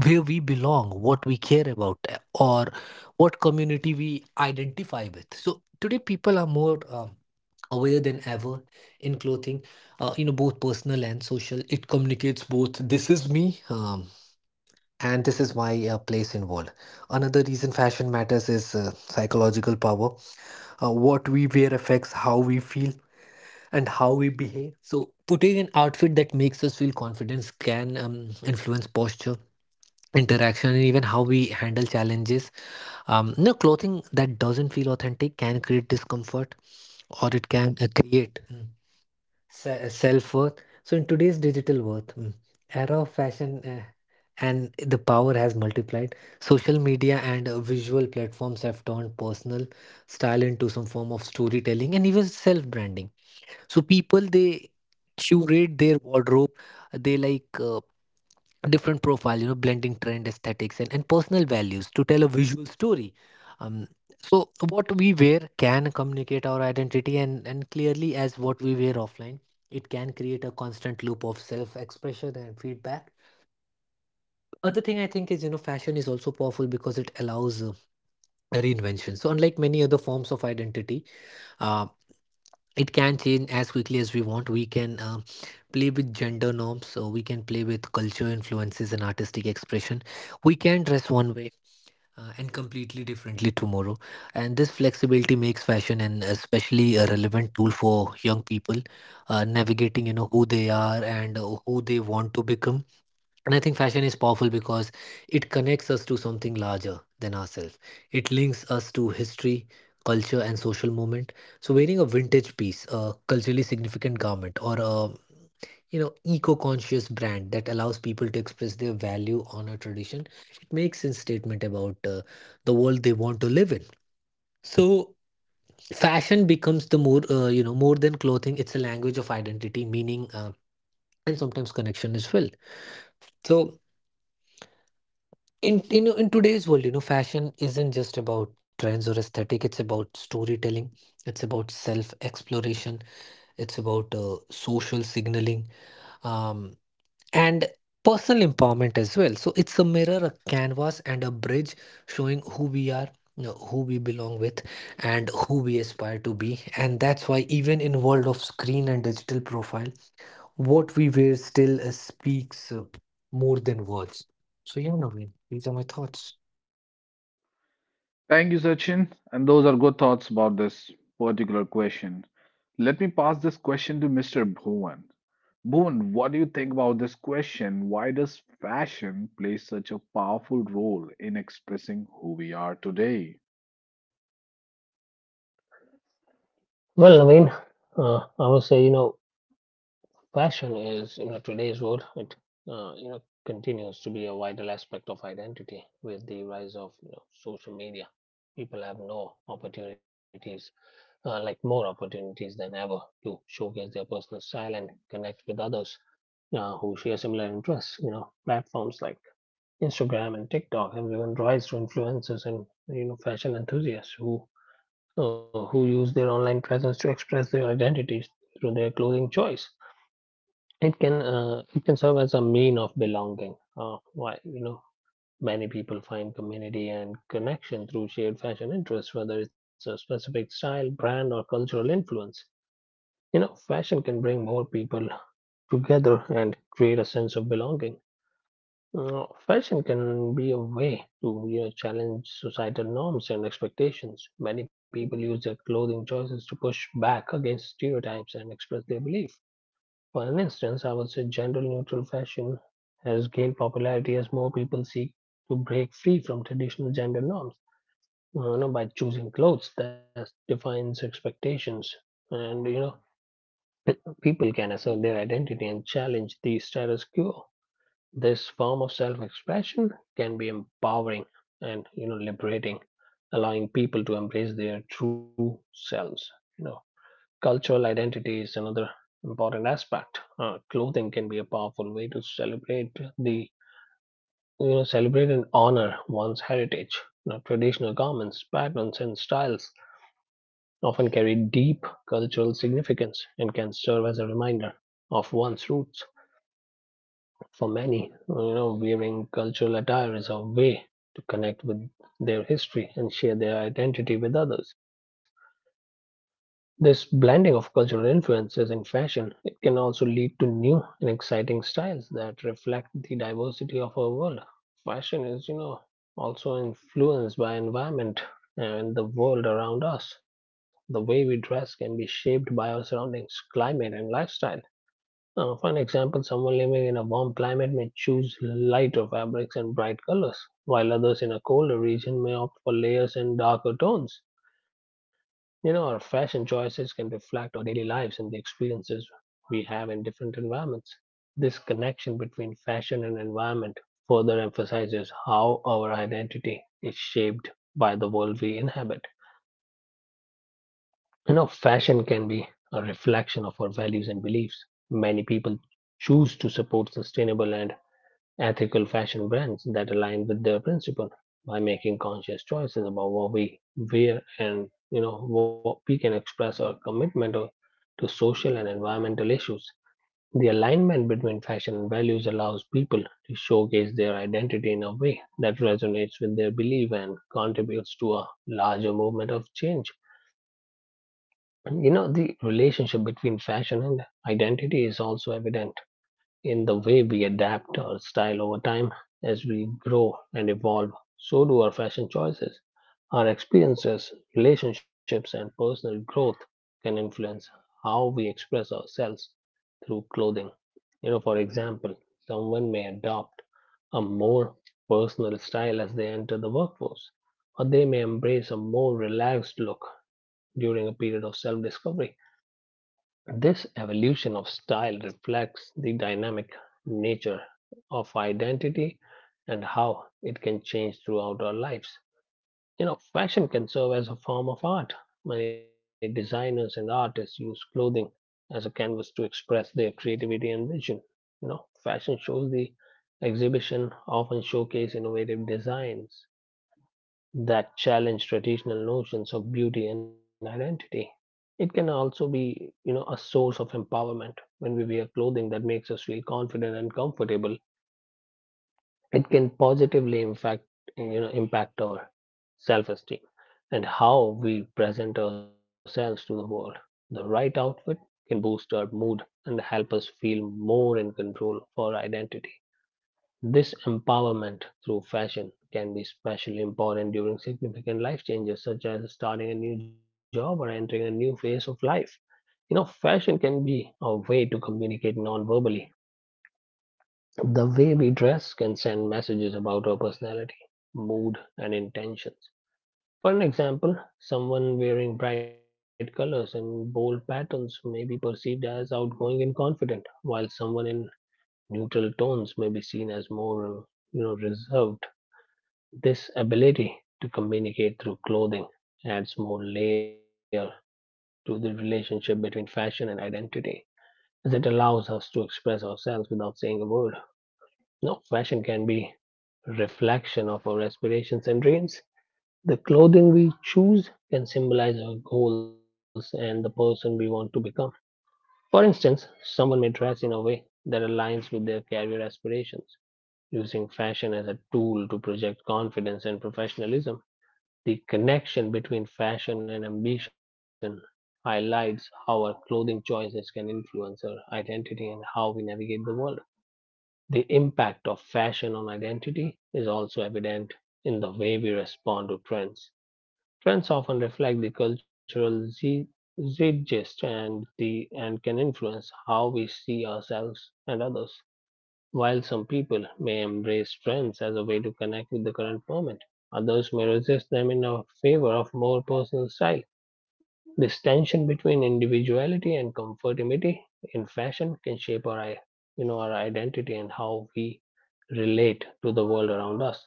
where we belong, what we care about, uh, or what community we identify with. So today, people are more um, aware than ever in clothing, uh, you know, both personal and social. It communicates both this is me, um, and this is my uh, place in world. Another reason fashion matters is uh, psychological power. Uh, what we wear affects how we feel and how we behave. So, putting an outfit that makes us feel confidence can um, influence posture, interaction, and even how we handle challenges. Um, no clothing that doesn't feel authentic can create discomfort, or it can uh, create mm, se- self worth. So, in today's digital world, mm, era of fashion. Uh, and the power has multiplied. Social media and uh, visual platforms have turned personal style into some form of storytelling and even self branding. So people, they curate their wardrobe, they like uh, different profile, you know, blending trend aesthetics and, and personal values to tell a visual story. um, so what we wear can communicate our identity and and clearly as what we wear offline. It can create a constant loop of self expression and feedback. Other thing I think is, you know, fashion is also powerful because it allows uh, reinvention. So unlike many other forms of identity, uh, it can change as quickly as we want. We can um, play with gender norms, so we can play with culture influences and artistic expression. We can dress one way uh, and completely differently tomorrow. And this flexibility makes fashion and especially a relevant tool for young people uh, navigating, you know, who they are and uh, who they want to become. And I think fashion is powerful because it connects us to something larger than ourselves. It links us to history, culture, and social movement. So wearing a vintage piece, a culturally significant garment, or a you know eco-conscious brand that allows people to express their value on a tradition, it makes a statement about uh, the world they want to live in. So fashion becomes the more uh, you know more than clothing. It's a language of identity, meaning, uh, and sometimes connection as well. So. in in in today's world, you know, fashion isn't just about trends or aesthetic. It's about storytelling, it's about self exploration, it's about uh, social signaling, um and personal empowerment as well. So it's a mirror, a canvas, and a bridge showing who we are, you know, who we belong with, and who we aspire to be. And that's why even in world of screen and digital profile, what we wear still uh, speaks uh, more than words. So yeah, Naveen, these are my thoughts. Thank you, Sachin. And those are good thoughts about this particular question. Let me pass this question to mister Bhuvan. Bhuvan, what do you think about this question? Why does fashion play such a powerful role in expressing who we are today? Well, Naveen, uh, I would say, you know, fashion is, you know, today's world, it, uh, you know, continues to be a vital aspect of identity with the rise of, you know, social media. People have no opportunities, uh, like more opportunities than ever to showcase their personal style and connect with others uh, who share similar interests. You know, platforms like Instagram and TikTok have given rise to influencers and, you know, fashion enthusiasts who uh, who use their online presence to express their identities through their clothing choice. It can uh, it can serve as a mean of belonging. Uh, why you know many people find community and connection through shared fashion interests, whether it's a specific style, brand, or cultural influence. You know, fashion can bring more people together and create a sense of belonging. Uh, fashion can be a way to you know, challenge societal norms and expectations. Many people use their clothing choices to push back against stereotypes and express their belief. For an instance, I would say gender neutral fashion has gained popularity as more people seek to break free from traditional gender norms, uh, you know, by choosing clothes that defines expectations. And you know, people can assert their identity and challenge the status quo. This form of self-expression can be empowering and you know liberating, allowing people to embrace their true selves. You know, cultural identity is another important aspect. Uh, clothing can be a powerful way to celebrate the you know celebrate and honor one's heritage. You know, traditional garments, patterns, and styles often carry deep cultural significance and can serve as a reminder of one's roots. For many, you know, wearing cultural attire is a way to connect with their history and share their identity with others. This blending of cultural influences in fashion, it can also lead to new and exciting styles that reflect the diversity of our world. Fashion is, you know, also influenced by environment and the world around us. The way we dress can be shaped by our surroundings, climate, and lifestyle. Uh, for an example, someone living in a warm climate may choose lighter fabrics and bright colors, while others in a colder region may opt for layers and darker tones. You know, our fashion choices can reflect our daily lives and the experiences we have in different environments. This connection between fashion and environment further emphasizes how our identity is shaped by the world we inhabit. You know, fashion can be a reflection of our values and beliefs. Many people choose to support sustainable and ethical fashion brands that align with their principle by making conscious choices about what we wear and you know what we can express our commitment to to social and environmental issues. The alignment between fashion and values allows people to showcase their identity in a way that resonates with their belief and contributes to a larger movement of change. And you know, the relationship between fashion and identity is also evident in the way we adapt our style over time as we grow and evolve. So do our fashion choices. Our experiences, relationships, and personal growth can influence how we express ourselves through clothing. You know, for example, someone may adopt a more personal style as they enter the workforce, or they may embrace a more relaxed look during a period of self discovery. This evolution of style reflects the dynamic nature of identity and how it can change throughout our lives. You know, fashion can serve as a form of art. Many designers and artists use clothing as a canvas to express their creativity and vision. You know, fashion shows the exhibition often showcase innovative designs that challenge traditional notions of beauty and identity. It can also be, you know, a source of empowerment. When we wear clothing that makes us feel confident and comfortable, it can positively impact, you know, impact our self-esteem and how we present ourselves to the world. The right outfit can boost our mood and help us feel more in control of our identity. This empowerment through fashion can be especially important during significant life changes, such as starting a new job or entering a new phase of life. You know, fashion can be a way to communicate non verbally. The way we dress can send messages about our personality, mood, and intentions. For an example, someone wearing bright colors and bold patterns may be perceived as outgoing and confident, while someone in neutral tones may be seen as more, uh, you know, reserved. This ability to communicate through clothing adds more layer to the relationship between fashion and identity, as it allows us to express ourselves without saying a word. Now, fashion can be a reflection of our aspirations and dreams. The clothing we choose can symbolize our goals and the person we want to become. For instance, someone may dress in a way that aligns with their career aspirations, using fashion as a tool to project confidence and professionalism. The connection between fashion and ambition highlights how our clothing choices can influence our identity and how we navigate the world. The impact of fashion on identity is also evident in the way we respond to trends. Trends often reflect the cultural ze- zeitgeist and the and can influence how we see ourselves and others. While some people may embrace trends as a way to connect with the current moment, others may resist them in a favor of more personal style. This tension between individuality and comfortability in fashion can shape our, i- you know, our identity and how we relate to the world around us.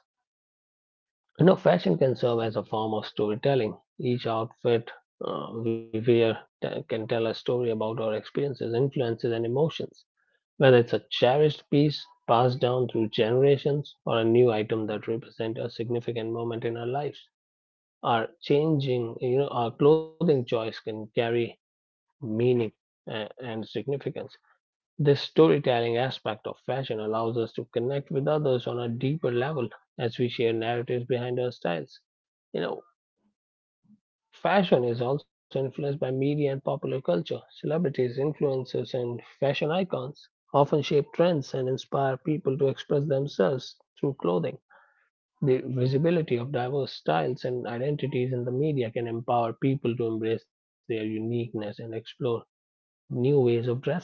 You know, fashion can serve as a form of storytelling. Each outfit uh, we wear t- can tell a story about our experiences, influences, and emotions, whether it's a cherished piece passed down through generations or a new item that represents a significant moment in lives. Our changing, you know, our clothing choice can carry meaning uh, and significance. This storytelling aspect of fashion allows us to connect with others on a deeper level as we share narratives behind our styles, you know. Fashion is also influenced by media and popular culture. Celebrities, influencers, and fashion icons often shape trends and inspire people to express themselves through clothing. The visibility of diverse styles and identities in the media can empower people to embrace their uniqueness and explore new ways of dressing.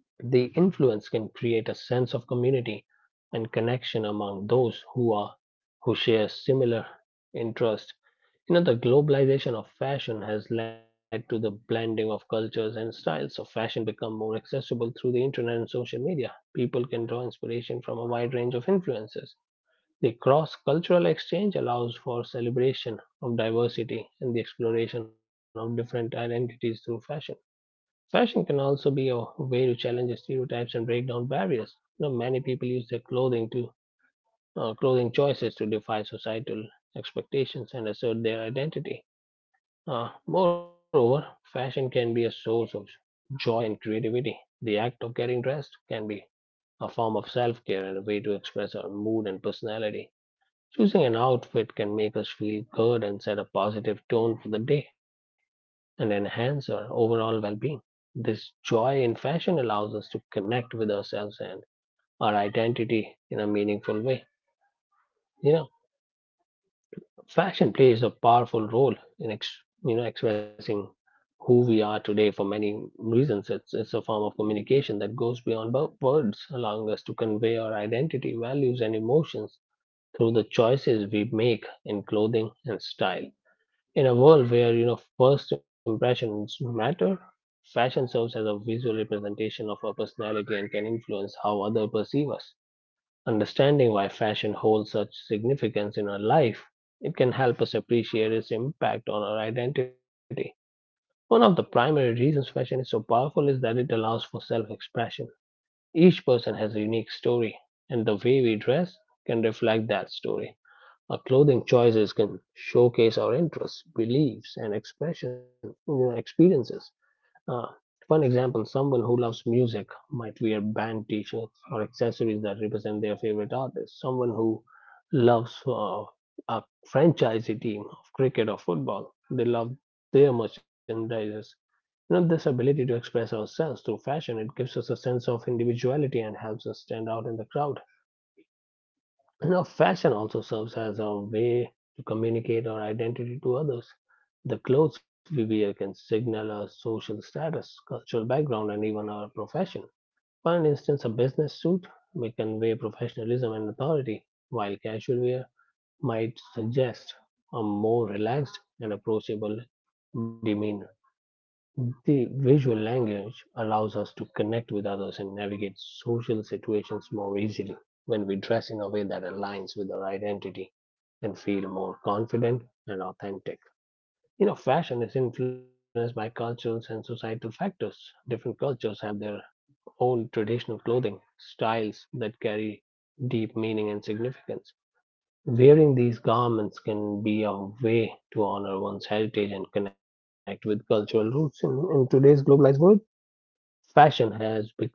The influence can create a sense of community and connection among those who are who share similar interests. You know, the globalization of fashion has led to the blending of cultures and styles. So fashion become more accessible through the internet and social media. People can draw inspiration from a wide range of influences. The cross-cultural exchange allows for celebration of diversity and the exploration of different identities through fashion. Fashion can also be a way to challenge the stereotypes and break down barriers. You know, many people use their clothing to uh, clothing choices to defy societal expectations and assert their identity. Uh, moreover, fashion can be a source of joy and creativity. The act of getting dressed can a form of self-care and a way to express our mood and personality. Choosing an outfit can make us feel good and set a positive tone for the day and enhance our overall well being. This joy in fashion allows us to connect with ourselves and our identity in a meaningful way. You know, fashion plays a powerful role in ex- you know expressing who we are today for many reasons. It's it's a form of communication that goes beyond wo- words, allowing us to convey our identity, values, and emotions through the choices we make in clothing and style. In a world where you know first impressions matter, fashion serves as a visual representation of our personality and can influence how others perceive us. Understanding why fashion holds such significance in our life, it can help us appreciate its impact on our identity. One of the primary reasons fashion is so powerful is that it allows for self-expression. Each person has a unique story, and the way we dress can reflect that story. Our clothing choices can showcase our interests, beliefs, and expression you know, experiences. Uh, for an example, someone who loves music might wear band T-shirts or accessories that represent their favorite artist. Someone who loves uh, a franchise team of cricket or football, they love their merchandises. You know, this ability to express ourselves through fashion it gives us a sense of individuality and helps us stand out in the crowd. Now, fashion also serves as a way to communicate our identity to others. The clothes we wear can signal our social status, cultural background, and even our profession. For an instance, a business suit may convey professionalism and authority, while casual wear might suggest a more relaxed and approachable demeanor. The visual language allows us to connect with others and navigate social situations more easily. When we dress in a way that aligns with our identity and feel more confident and authentic. You know, fashion is influenced by cultures and societal factors. Different cultures have their own traditional clothing styles that carry deep meaning and significance. Wearing these garments can be a way to honor one's heritage and connect with cultural roots. In, in today's globalized world, fashion has become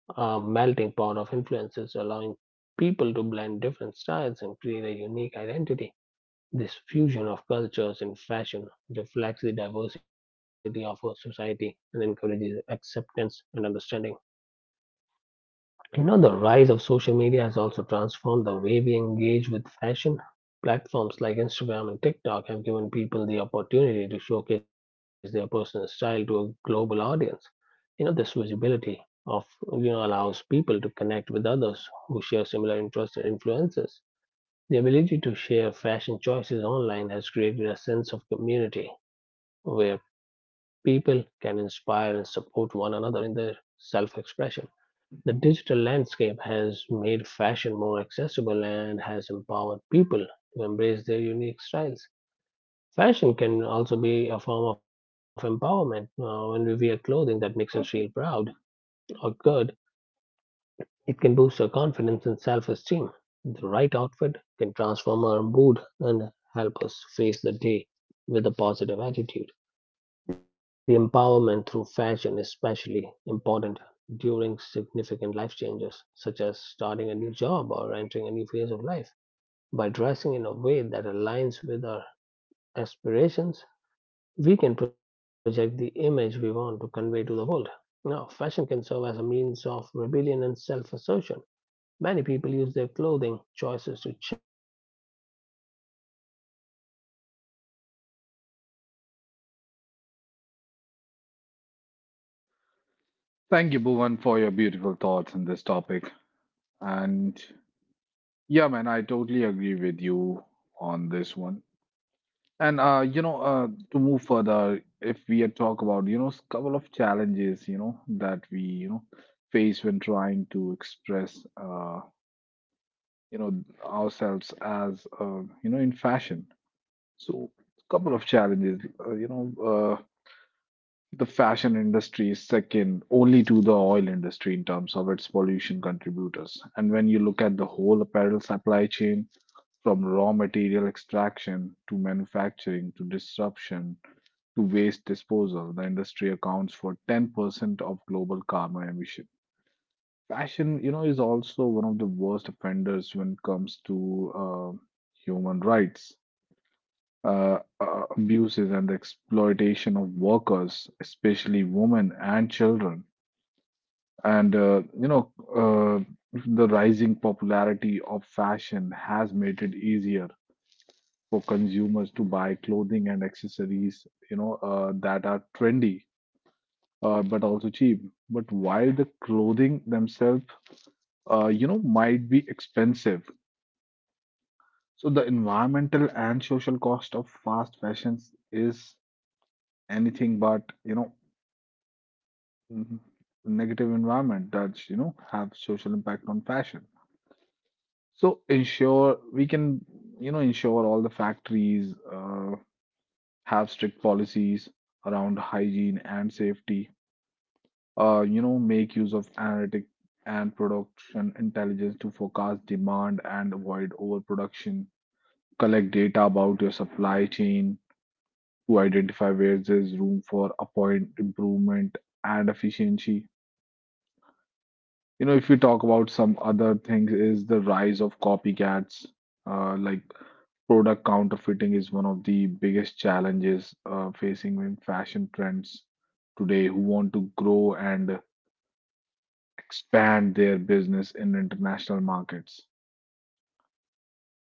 a melting pot of influences, allowing people to blend different styles and create a unique identity. This fusion of cultures in fashion reflects the diversity of our society and encourages acceptance and understanding. You know, the rise of social media has also transformed the way we engage with fashion. Platforms like Instagram and TikTok have given people the opportunity to showcase their personal style to a global audience, you know, this visibility of you know allows people to connect with others who share similar interests and influences. The ability to share fashion choices online has created a sense of community where people can inspire and support one another in their self-expression. The digital landscape has made fashion more accessible and has empowered people to embrace their unique styles. Fashion can also be a form of empowerment. Uh, when we wear clothing that makes us feel proud or good, it can boost our confidence and self esteem. The right outfit can transform our mood and help us face the day with a positive attitude. The empowerment through fashion is especially important during significant life changes, such as starting a new job or entering a new phase of life. By dressing in a way that aligns with our aspirations, we can project the image we want to convey to the world. Now, fashion can serve as a means of rebellion and self assertion. Many people use their clothing choices to challenge societal norms and expectations. The punk movement of nineteen seventies embraced a style that defined conventional fashion using clothing Thank you, Bhuvan, for your as a beautiful way to thoughts on this express topic. dissent and And individuality. yeah, man, I totally agree with you on this one. And uh, you know, uh, to move further, if we had talk about you know s- couple of challenges, you know that we you know face when trying to express uh, you know ourselves as uh, you know in fashion. So couple of challenges. Uh, you know, uh, the fashion industry is second only to the oil industry in terms of its pollution contributors. And when you look at the whole apparel supply chain, from raw material extraction to manufacturing to disruption to waste disposal, the industry accounts for ten percent of global carbon emission. Fashion, you know, is also one of the worst offenders when it comes to uh, human rights uh, uh, abuses and the exploitation of workers, especially women and children. And uh, you know, uh, the rising popularity of fashion has made it easier for consumers to buy clothing and accessories, you know, uh, that are trendy, uh, but also cheap. But while the clothing themselves, uh, you know, might be expensive, so the environmental and social cost of fast fashions is anything but. you know Mhm. Negative environment that you know have social impact on fashion, so ensure we can you know ensure all the factories uh, have strict policies around hygiene and safety, uh, you know make use of analytic and production intelligence to forecast demand and avoid overproduction, collect data about your supply chain to identify where there's room for a point improvement and efficiency. You know, if we talk about some other things, is the rise of copycats. Uh, like product counterfeiting is one of the biggest challenges uh, facing in fashion trends today who want to grow and expand their business in international markets.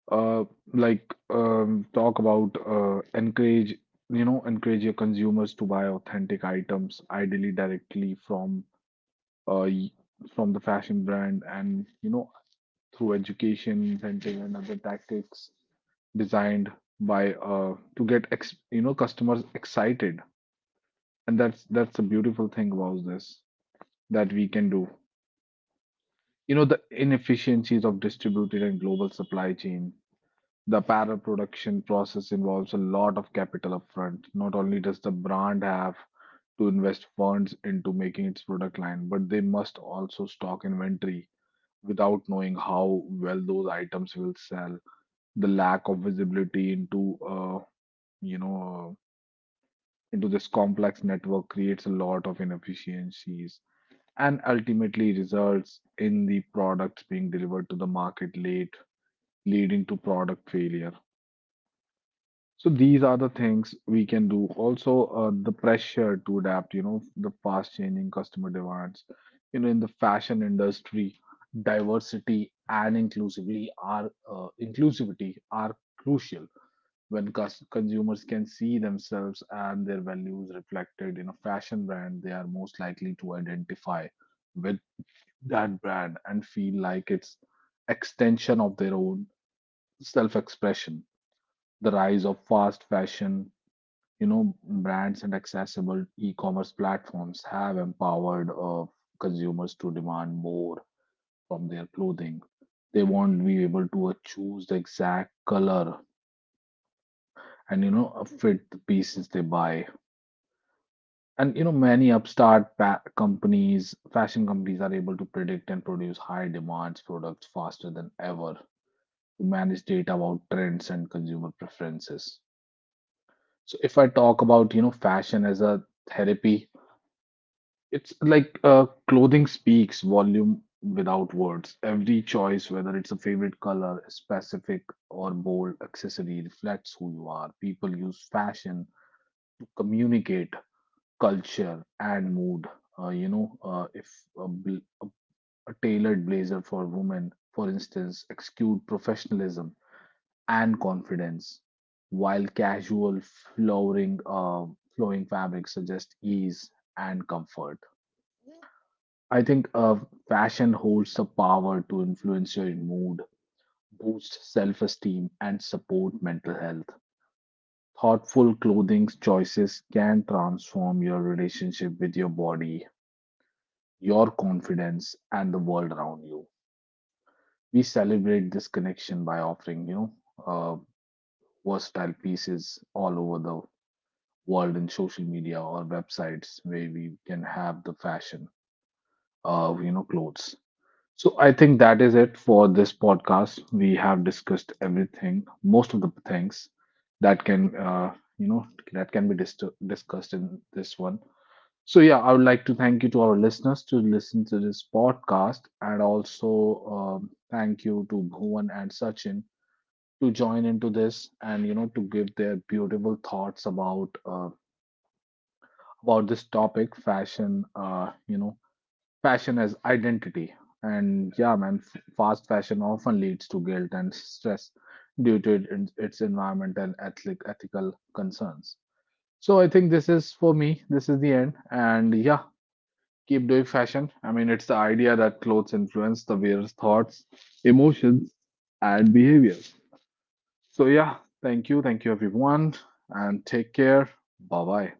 Uh, like um, talk about uh, encourage you know encourage your consumers to buy authentic items, ideally directly from uh, y- from the fashion brand, and you know through education, incentive, and other tactics designed by uh, to get ex you know customers excited. And that's that's the beautiful thing about this that we can do. You know, the inefficiencies of distributed and global supply chain. The apparel production process involves a lot of capital upfront. Not only does the brand have to invest funds into making its product line, but they must also stock inventory without knowing how well those items will sell. The lack of visibility into uh, you know uh, into this complex network creates a lot of inefficiencies and ultimately results in the products being delivered to the market late, leading to product failure. So these are the things we can do. Also, uh, the pressure to adapt you know the fast changing customer demands you know in the fashion industry. Diversity and inclusively are uh, inclusivity are crucial. When cus- consumers can see themselves and their values reflected in a fashion brand, they are most likely to identify with that brand and feel like it's extension of their own self-expression. The rise of fast fashion, you know, brands and accessible e-commerce platforms have empowered uh, consumers to demand more from their clothing. They won't be able to uh, choose the exact color and you know uh, fit the pieces they buy. And you know, many upstart pa companies, fashion companies are able to predict and produce high demands products faster than ever to manage data about trends and consumer preferences. So if I talk about, you know, fashion as a therapy, it's like uh, clothing speaks volume without words. Every choice, whether it's a favorite color, specific or bold accessory, reflects who you are. People use fashion to communicate culture and mood. Uh, you know, uh, if a, bl- a, a tailored blazer for women, for instance, exude professionalism and confidence, while casual flowing uh, flowing fabrics suggest ease and comfort. I think uh, fashion holds the power to influence your mood, boost self-esteem, and support mental health. Thoughtful clothing choices can transform your relationship with your body, your confidence, and the world around you. We celebrate this connection by offering, you know, uh, versatile pieces all over the world in social media or websites where we can have the fashion of, you know, clothes. So I think that is it for this podcast. We have discussed everything, most of the things that can, uh, you know, that can be dis- discussed in this one. So yeah, I would like to thank you to our listeners to listen to this podcast, and also um, thank you to Bhuvan and Sachin to join into this and you know to give their beautiful thoughts about uh, about this topic, fashion. Uh, you know, fashion as identity, and yeah, man, f- fast fashion often leads to guilt and stress due to it, its environmental ethic ethical concerns. So I think this is for me. This is the end, and yeah, keep doing fashion. I mean, it's the idea that clothes influence the wearer's thoughts, emotions, and behaviors. So, yeah, thank you. Thank you, everyone. And take care. Bye bye.